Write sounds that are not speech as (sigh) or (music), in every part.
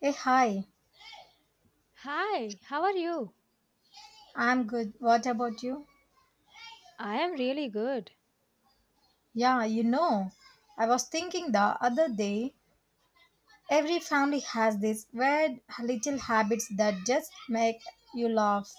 Hey, hi. Hi, how are you? I'm good. What about you? I am really good. Yeah, you know, I was thinking the other day, every family has these weird little habits that just make you laugh.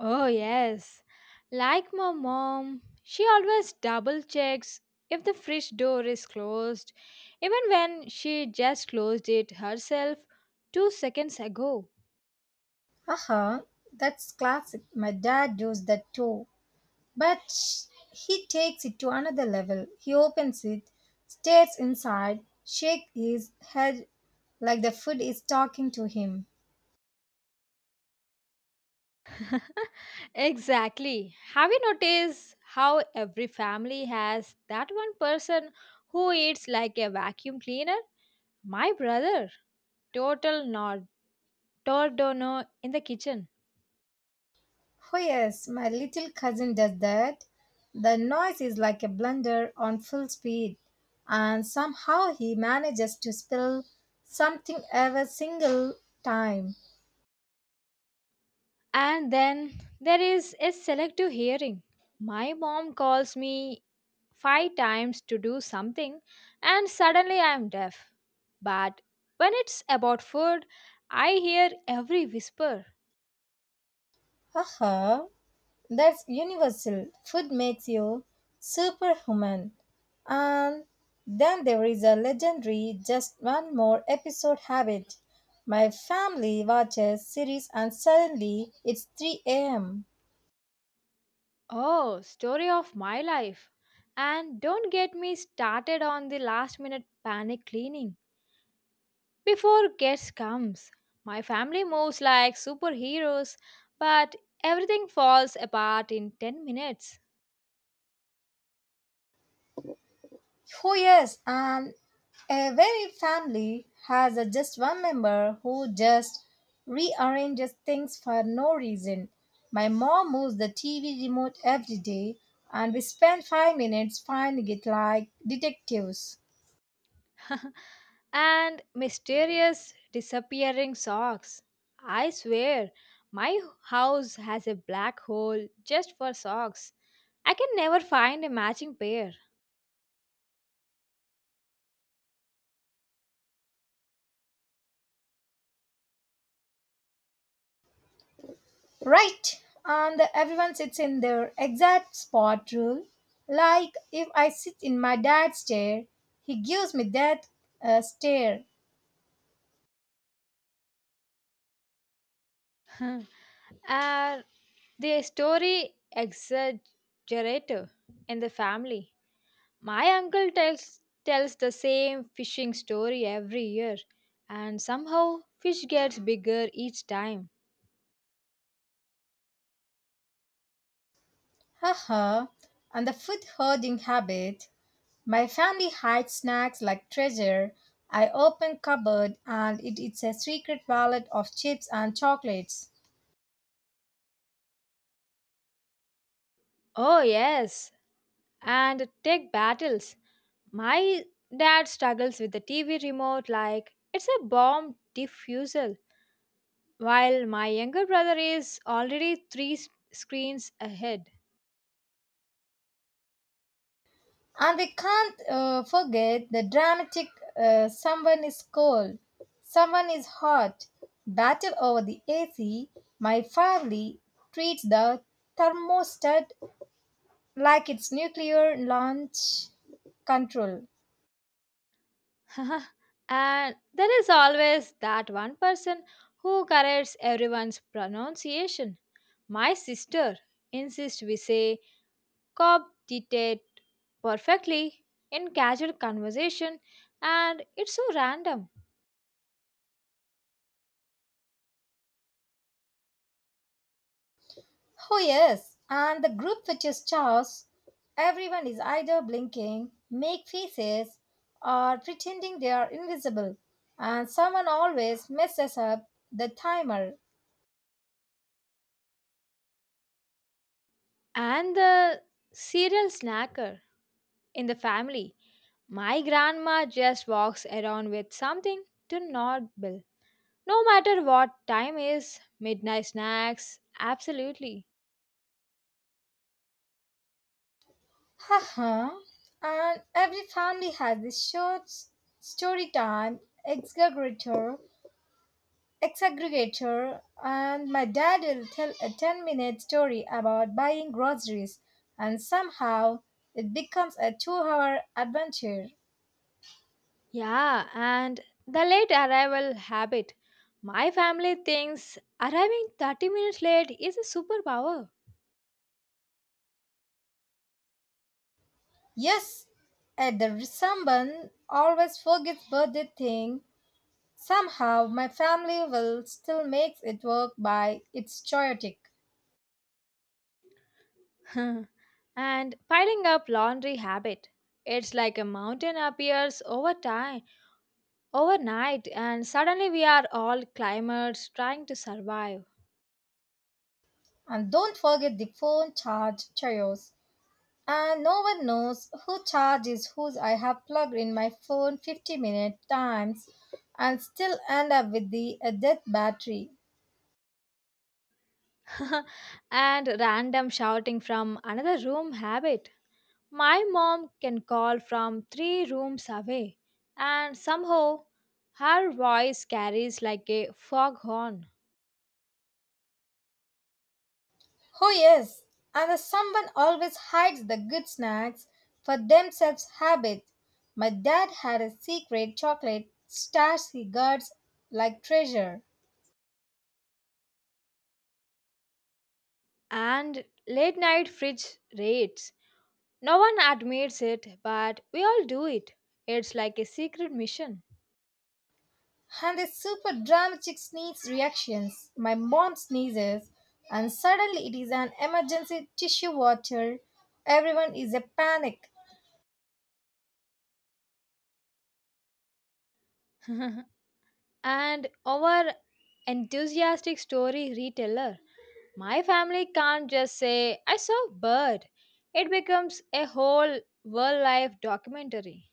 Oh, yes. Like my mom, she always double checks if the fridge door is closed, even when she just closed it herself 2 seconds ago. Haha, that's classic. My dad does that too. But he takes it to another level. He opens it, stares inside, shakes his head like the food is talking to him. (laughs) Exactly. Have you noticed how every family has that one person who eats like a vacuum cleaner? My brother, total nod, tordono in the kitchen. Oh, yes, my little cousin does that. The noise is like a blender on full speed, and somehow he manages to spill something every single time. And then there is a selective hearing. My mom calls me five times to do something, and suddenly I am deaf. But when it's about food, I hear every whisper. Haha, that's universal. Food makes you superhuman. And then there is a legendary just one more episode habit. My family watches series and suddenly it's 3 a.m. Oh, story of my life. And don't get me started on the last minute panic cleaning. Before guest comes, my family moves like superheroes, but everything falls apart in 10 minutes. Oh, yes, and a very family has a, just one member who just rearranges things for no reason. My mom moves the TV remote every day, and we spend 5 minutes finding it like detectives. (laughs) And mysterious disappearing socks. I swear, my house has a black hole just for socks. I can never find a matching pair. Right, and everyone sits in their exact spot rule. Like if I sit in my dad's chair, he gives me that stare. (laughs) And the story exaggerator in the family. My uncle tells the same fishing story every year, and somehow fish gets bigger each time. Haha, and the food hoarding habit. My family hides snacks like treasure. I open cupboard and it is a secret wallet of chips and chocolates. Oh yes, and tech battles. My dad struggles with the TV remote like it's a bomb diffusal, while my younger brother is already screens ahead. And we can't forget the dramatic someone is cold, someone is hot, battle over the AC. My family treats the thermostat like it's nuclear launch control. (laughs) And there is always that one person who corrects everyone's pronunciation. My sister insists we say "coptitate" perfectly in casual conversation, and it's so random. Oh, yes, and the group which is chaos. Everyone is either blinking, make faces, or pretending they are invisible, and someone always messes up the timer. And the cereal snacker in the family. My grandma just walks around with something to nibble. No matter what time is, midnight snacks, absolutely. Haha, and every family has this story time exaggerator, exaggregator, and my dad will tell a 10-minute story about buying groceries, and somehow it becomes a 2 hour adventure. Yeah, and the late arrival habit. My family thinks arriving 30 minutes late is a superpower. Yes, at someone always forgets birthday thing. Somehow my family will still make it work by it's chaotic. (laughs) And piling up laundry habit. It's like a mountain appears over time, overnight, and suddenly we are all climbers trying to survive. And don't forget the phone charge chaos. And no one knows who charges whose I have plugged in my phone 50-minute times and still end up with the a dead battery. (laughs) And random shouting from another room habit. My mom can call from 3 rooms away, and somehow her voice carries like a foghorn. Oh, yes, and the someone always hides the good snacks for themselves habit. My dad had a secret chocolate stash he guards like treasure. And late night fridge raids. No one admits it, but we all do it. It's like a secret mission. And the super dramatic sneeze reactions. My mom sneezes, and suddenly it is an emergency tissue water. Everyone is a panic. (laughs) And our enthusiastic story reteller. My family can't just say, I saw a bird. It becomes a whole wildlife documentary.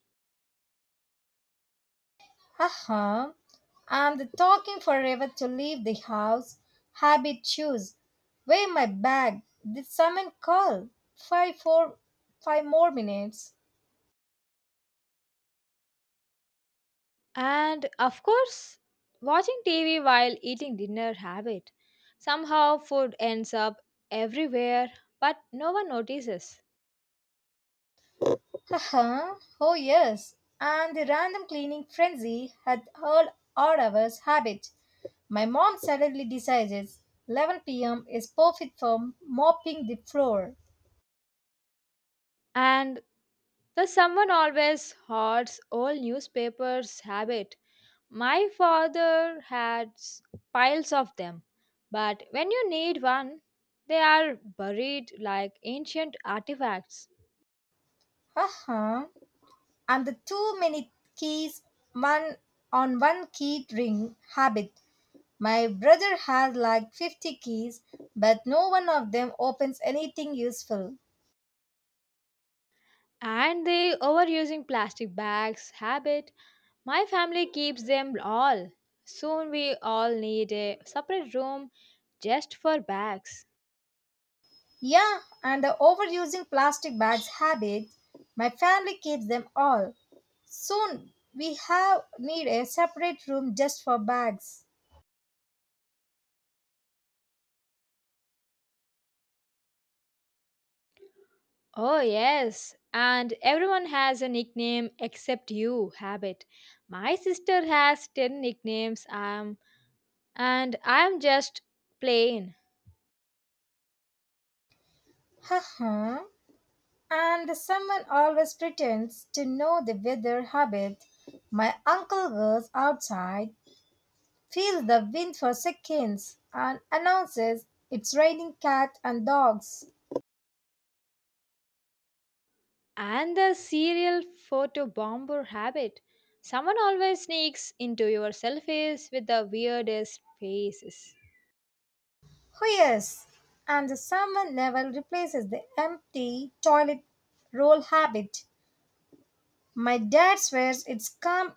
Haha, I'm the talking forever to leave the house. Habit choose. Weigh my bag. Did someone call? 5 4 5 more minutes. And of course, watching TV while eating dinner habit. Somehow food ends up everywhere, but no one notices. Haha. Oh yes. And the random cleaning frenzy had all our hours habit. My mom suddenly decides 11 p.m. is perfect for mopping the floor. And the someone always hoards old newspapers habit. My father had piles of them, but when you need one, they are buried like ancient artifacts. Haha. And the too many keys one on one key ring habit. My brother has like 50 keys, but no one of them opens anything useful. And the overusing plastic bags habit, my family keeps them all. Soon we all need a separate room just for bags. Yeah, and the overusing plastic bags habit, my family keeps them all. Soon we have need a separate room just for bags. Oh, yes, and everyone has a nickname except you, Habit. My sister has 10 nicknames, I'm, and I'm just plain. Haha, and someone always pretends to know the weather habit. My uncle goes outside, feels the wind for seconds, and announces it's raining cats and dogs. And the serial photo bomber habit. Someone always sneaks into your selfies with the weirdest faces. Oh, yes, and the summer never replaces the empty toilet roll habit. My dad swears it's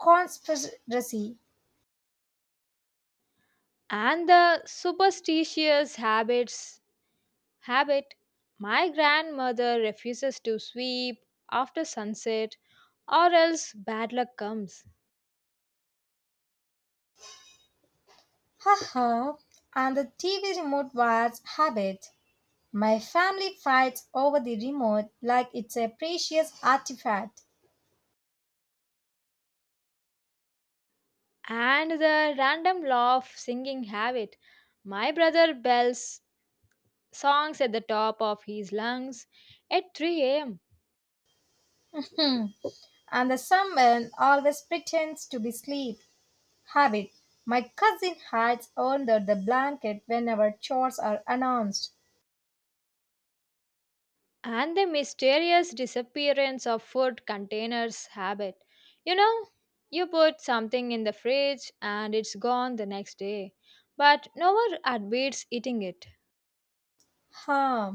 conspiracy. And the superstitious habits habit. My grandmother refuses to sweep after sunset or else bad luck comes. Haha, and the TV remote wires habit. My family fights over the remote like it's a precious artifact. And the random laugh singing habit. My brother bells songs at the top of his lungs at 3 a.m. Hmm. And the salmon always pretends to be asleep. Habit. My cousin hides under the blanket whenever chores are announced. And the mysterious disappearance of food containers habit. You know, you put something in the fridge and it's gone the next day, but no one admits eating it. Huh.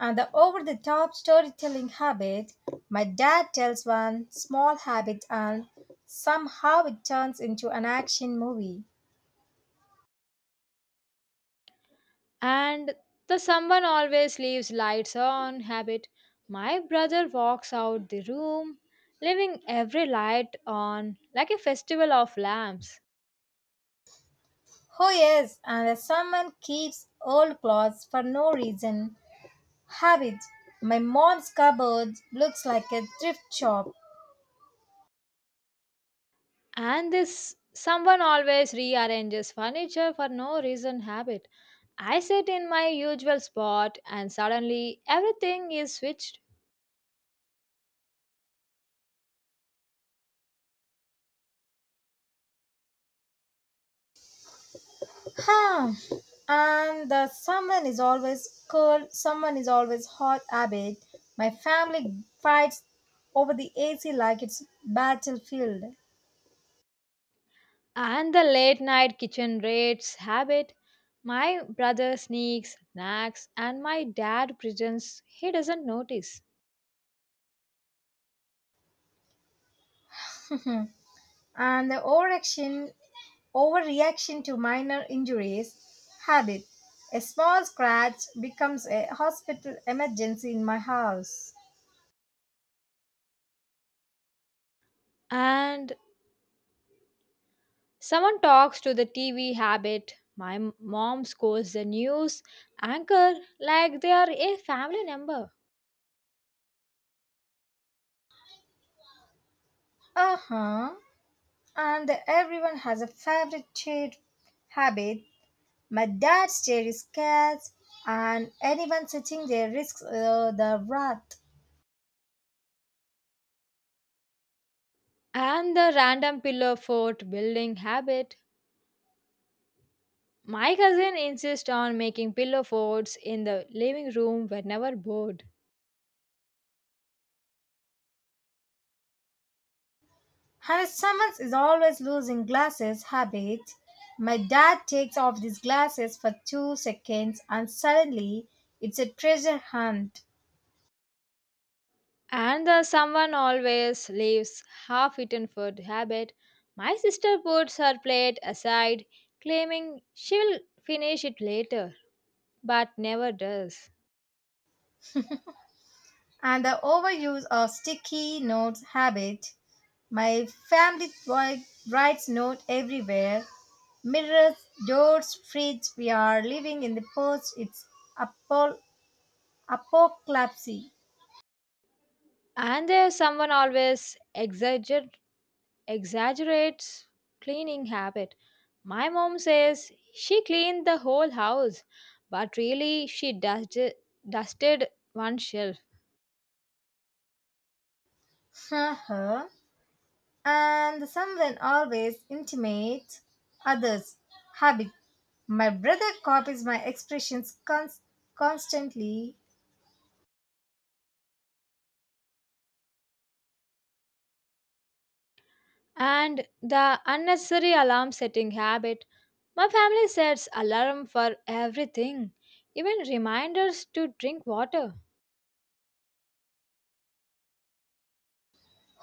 And the over the top storytelling habit. My dad tells one small habit and somehow it turns into an action movie. And the someone always leaves lights on habit. My brother walks out the room, leaving every light on like a festival of lamps. Oh, yes, and someone keeps old clothes for no reason. Habit. My mom's cupboard looks like a thrift shop. And this someone always rearranges furniture for no reason habit. I sit in my usual spot and suddenly everything is switched. Huh. And the someone is always cold, someone is always hot habit. My family fights over the AC like it's battlefield. And the late night kitchen raids habit. My brother sneaks, snacks, and my dad pretends he doesn't notice. Hmm. And the overreaction to minor injuries, habit. A small scratch becomes a hospital emergency in my house. And someone talks to the TV habit. My mom scores the news anchor like they are a family member. Uh huh. And everyone has a favorite chair habit. My dad's chair is cats, and anyone sitting there risks the wrath. And the random pillow fort building habit. My cousin insists on making pillow forts in the living room whenever bored. And if someone is always losing glasses habit, my dad takes off these glasses for 2 seconds and suddenly it's a treasure hunt. And the someone always leaves half eaten food habit. My sister puts her plate aside, claiming she'll finish it later, but never does. And the overuse of sticky notes habit, my family writes note everywhere. Mirrors, doors, fridge, we are living in the post, it's apol apocalypse. And there's someone always exaggerates cleaning habit. My mom says she cleaned the whole house, but really she dusted one shelf. (laughs) Haha, and someone always intimates others habit. My brother copies my expressions constantly. And the unnecessary alarm setting habit. My family sets alarm for everything, even reminders to drink water.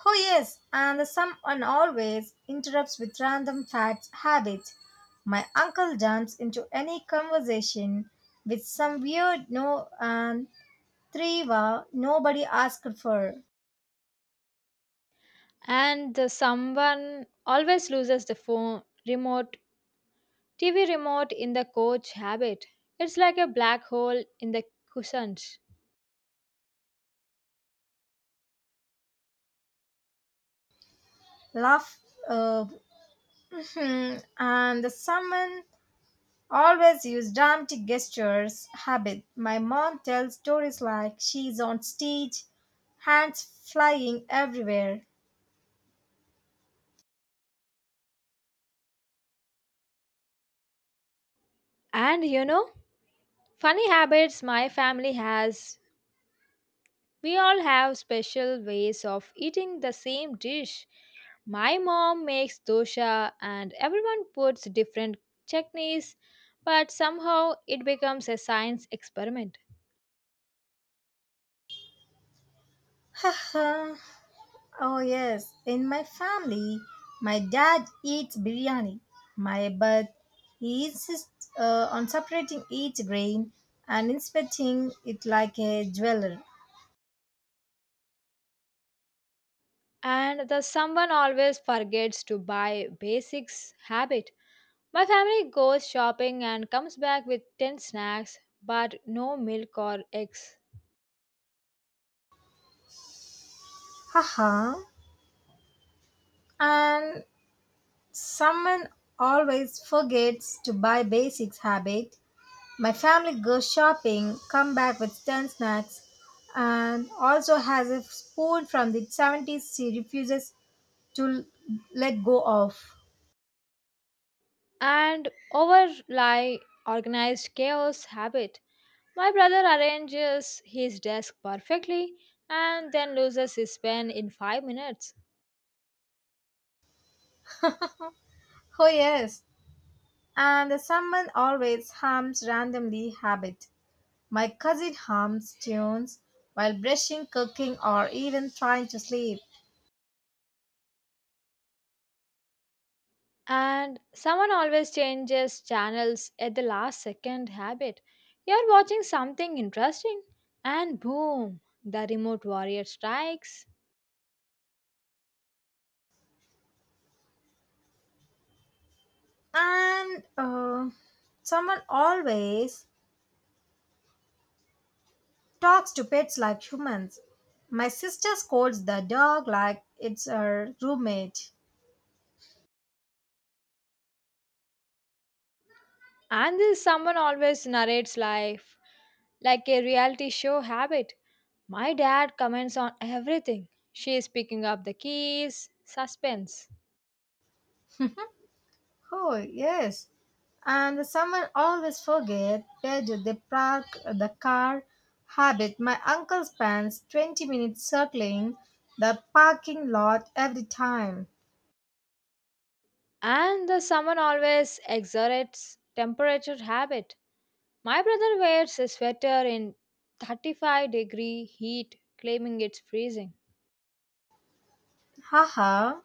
Oh yes, and someone always interrupts with random facts habit. My uncle jumps into any conversation with some weird no and triva nobody asked for. And the someone always loses the phone remote, TV remote in the coach habit. It's like a black hole in the cushions. Laugh uh, (laughs) (clears throat) and someone always use dramatic gestures. Habit. My mom tells stories like she's on stage, hands flying everywhere. And you know, funny habits my family has. We all have special ways of eating the same dish. My mom makes dosha and everyone puts different chutneys, but somehow it becomes a science experiment. Haha. Oh yes, in my family, my dad eats biryani. My but he insists on separating each grain and inspecting it like a jeweler. And the someone always forgets to buy basics habit. My family goes shopping and comes back with 10 snacks but no milk or eggs. Haha, and someone always forgets to buy basics habit. My family goes shopping, come back with 10 snacks, and also has a spoon from the 70s she refuses to let go of. And over lie organized chaos habit. My brother arranges his desk perfectly and then loses his pen in 5 minutes. Oh, yes. And someone always hums randomly habit. My cousin hums tunes while brushing, cooking, or even trying to sleep. And someone always changes channels at the last second habit. You're watching something interesting, and boom, the remote warrior strikes. And someone always talks to pets like humans. My sister scolds the dog like it's her roommate. And this someone always narrates life like a reality show habit. My dad comments on everything. She is picking up the keys, suspense. Oh, yes. And someone always forget where do they park the car. Habit. My uncle spends 20 minutes circling the parking lot every time. And the summer always exerts temperature habit. My brother wears a sweater in 35-degree heat, claiming it's freezing. Haha.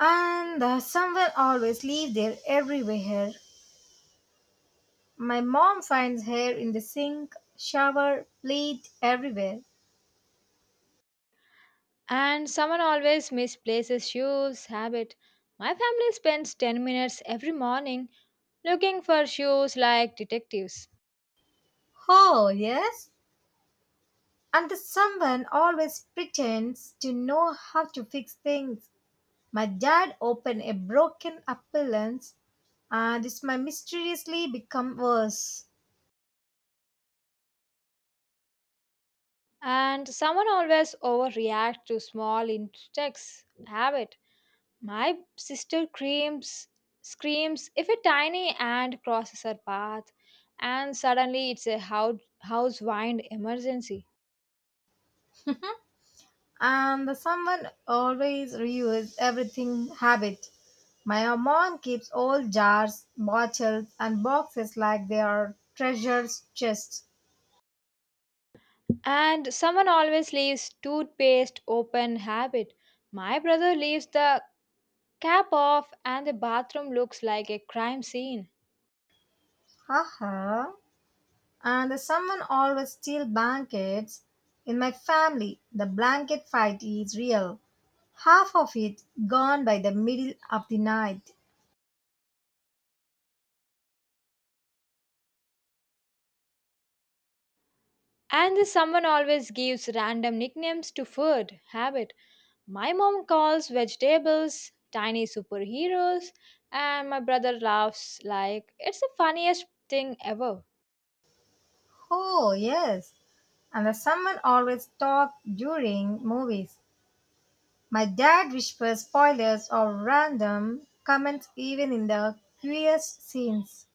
And someone always leave their everywhere. My mom finds hair in the sink, shower, plate, everywhere. And someone always misplaces shoes habit. My family spends 10 minutes every morning looking for shoes like detectives. Oh, yes? And the someone always pretends to know how to fix things. My dad opened a broken appliance, and this might mysteriously become worse. And someone always overreacts to small insects habit. My sister screams if a tiny ant crosses her path, and suddenly it's a house wind emergency. And the someone always reuse everything habit. My mom keeps old jars, bottles, and boxes like they are treasure chests. And someone always leaves toothpaste open habit. My brother leaves the cap off, and the bathroom looks like a crime scene. Haha. And the someone always steal blankets. In my family, the blanket fight is real. Half of it gone by the middle of the night. And the someone always gives random nicknames to food habit. My mom calls vegetables tiny superheroes, and my brother laughs like it's the funniest thing ever. Oh, yes. And the someone always talked during movies. My dad whispers spoilers or random comments even in the queer scenes.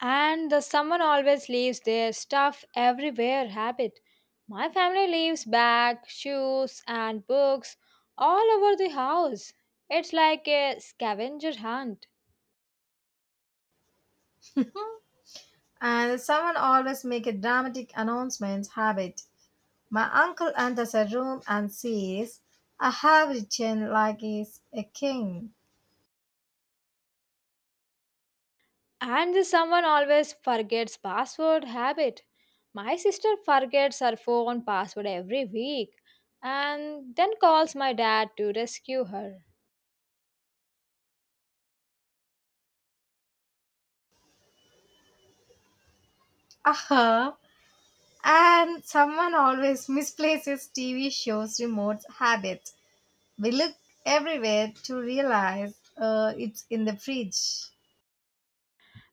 And the someone always leaves their stuff everywhere habit. My family leaves bags, shoes, and books all over the house. It's like a scavenger hunt. And someone always make a dramatic announcement habit. My uncle enters a room and says, I have written like he's a king. I'm just someone always forgets password habit. My sister forgets her phone password every week and then calls my dad to rescue her. Uh-huh. And someone always misplaces TV shows remote habit. We look everywhere to realize it's in the fridge.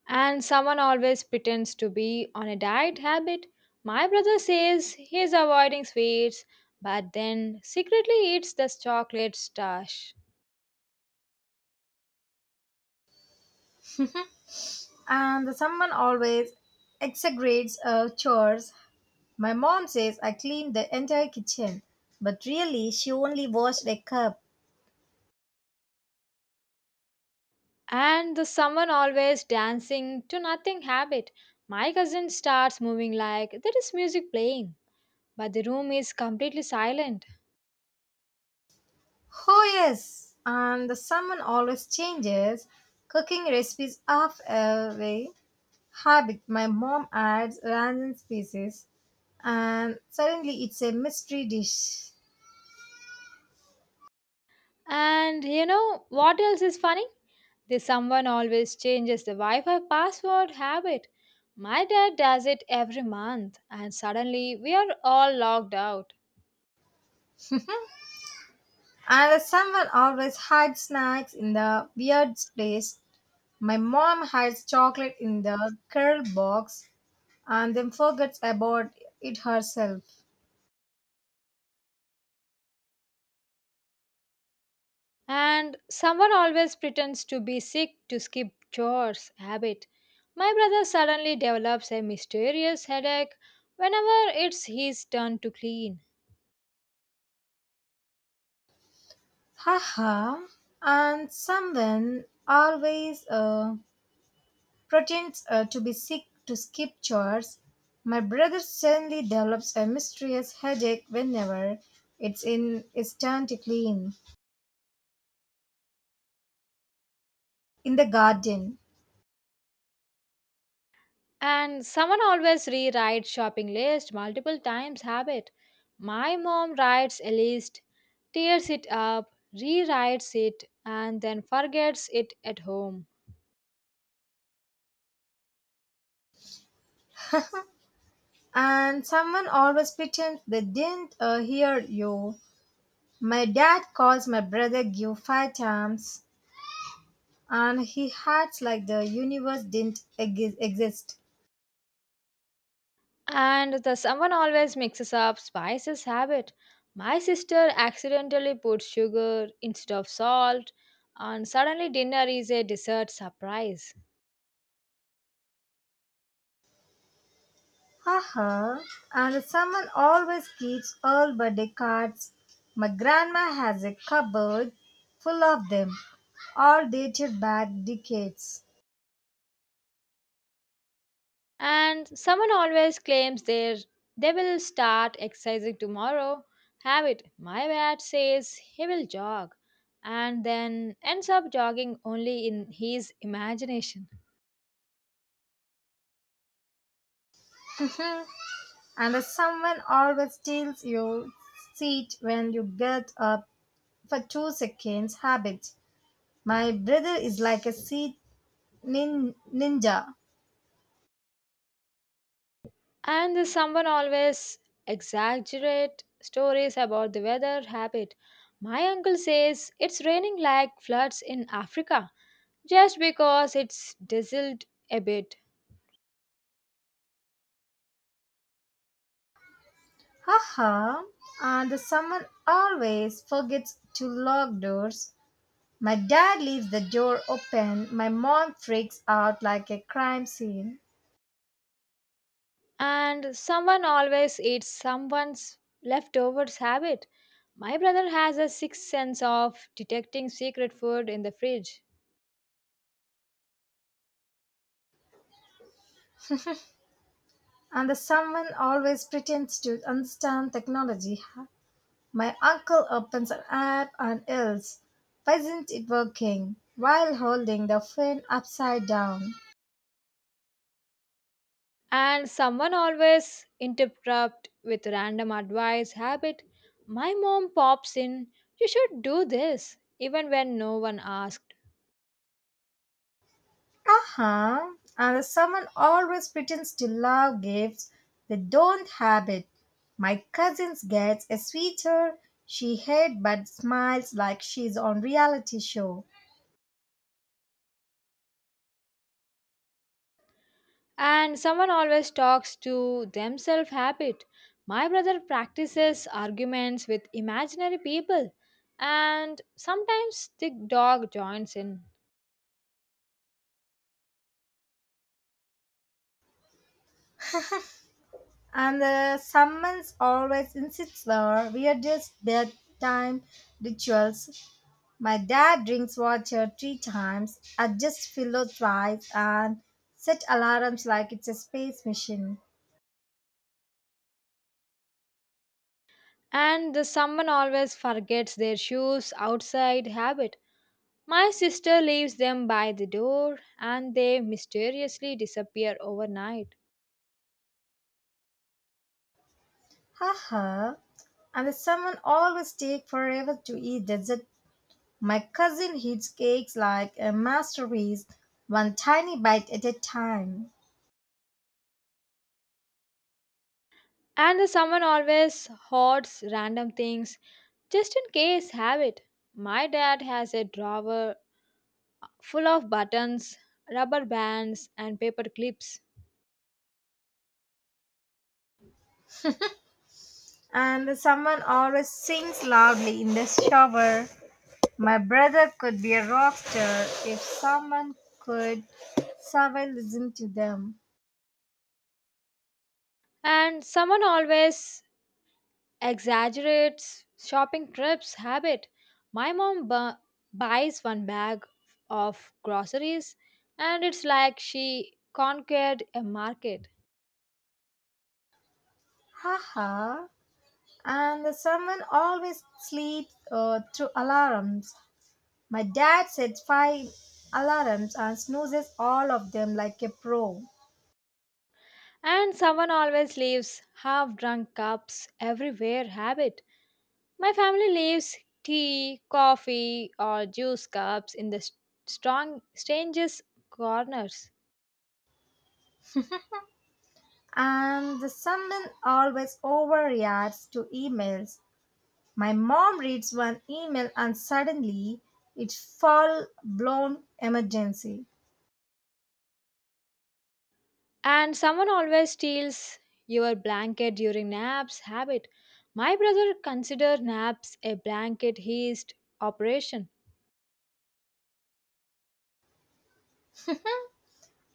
And someone always pretends to be on a diet habit. My brother says he's avoiding sweets but then secretly eats the chocolate stash. And someone always exaggerates chores. My mom says I cleaned the entire kitchen, but really she only washed a cup. And the someone always dancing to nothing habit. My cousin starts moving like there is music playing, but the room is completely silent. Oh, yes! And someone always changes cooking recipes half away. Habit my mom adds random species, and suddenly it's a mystery dish. And you know what else is funny? This someone always changes the Wi Fi password habit. My dad does it every month, and suddenly we are all logged out. And someone always hides snacks in the weird place. My mom hides chocolate in the curl box and then forgets about it herself. And someone always pretends to be sick to skip chores habit. My brother suddenly develops a mysterious headache whenever it's his turn to clean. Haha. And someone always pretends to be sick to skip chores. My brother suddenly develops a mysterious headache whenever it's in its turn to clean in the garden. And someone always rewrites shopping list multiple times habit. My mom writes a list, tears it up, rewrites it, and then forgets it at home. And someone always pretends they didn't hear you. My dad calls my brother Gio 5 times and he acts like the universe didn't exist. And the someone always mixes up spices habit. My sister accidentally puts sugar instead of salt, and suddenly dinner is a dessert surprise. Haha. And someone always keeps all birthday cards. My grandma has a cupboard full of them, all dated back decades. And someone always claims they will start exercising tomorrow. Have it. My dad says he will jog and then ends up jogging only in his imagination. And someone always steals your seat when you get up for 2 seconds habit. My brother is like a seat ninja. And the someone always exaggerate stories about the weather habit. My uncle says it's raining like floods in Africa just because it's drizzled a bit. Haha, and someone always forgets to lock doors. My dad leaves the door open, my mom freaks out like a crime scene, And someone always eats someone's leftovers habit. My brother has a sixth sense of detecting secret food in the fridge, and the someone always pretends to understand technology. My uncle opens an app and yells, Why isn't it working? While holding the phone upside down. and someone always interrupt with random advice habit. My mom pops in, you should do this, even when no one asked. Uh-huh. And someone always pretends to love gifts they don't have it. My cousin gets a sweater she hates but smiles like she's on reality show. And someone always talks to themselves habit. My brother practices arguments with imaginary people, and sometimes the dog joins in. And someone always insists her weirdest bedtime rituals. My dad drinks water 3 times, adjusts pillow twice, and set alarms like it's a space mission. And the someone always forgets their shoes outside habit. My sister leaves them by the door, and they mysteriously disappear overnight. Haha. And the someone always take forever to eat dessert. My cousin eats cakes like a masterpiece, one tiny bite at a time. And the someone always hoards random things just in case habit. My dad has a drawer full of buttons, rubber bands, and paper clips. And the someone always sings loudly in the shower. My brother could be a rock star if someone could survive listen to them. And someone always exaggerates shopping trips habit. My mom buys one bag of groceries, and it's like she conquered a market. Haha. And the someone always sleeps through alarms. My dad sets 5 alarms and snoozes all of them like a pro. And someone always leaves half drunk cups everywhere habit. My family leaves tea, coffee, or juice cups in the st- strong strangest corners. And the someone always overreacts to emails. My mom reads one email and suddenly it's full blown emergency. And someone always steals your blanket during naps habit. My brother consider naps a blanket heist operation.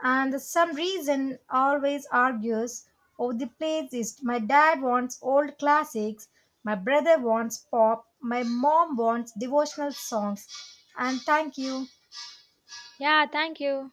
And some reason always argues over the playlist. My dad wants old classics, my brother wants pop, my mom wants devotional songs. And thank you. Yeah, thank you.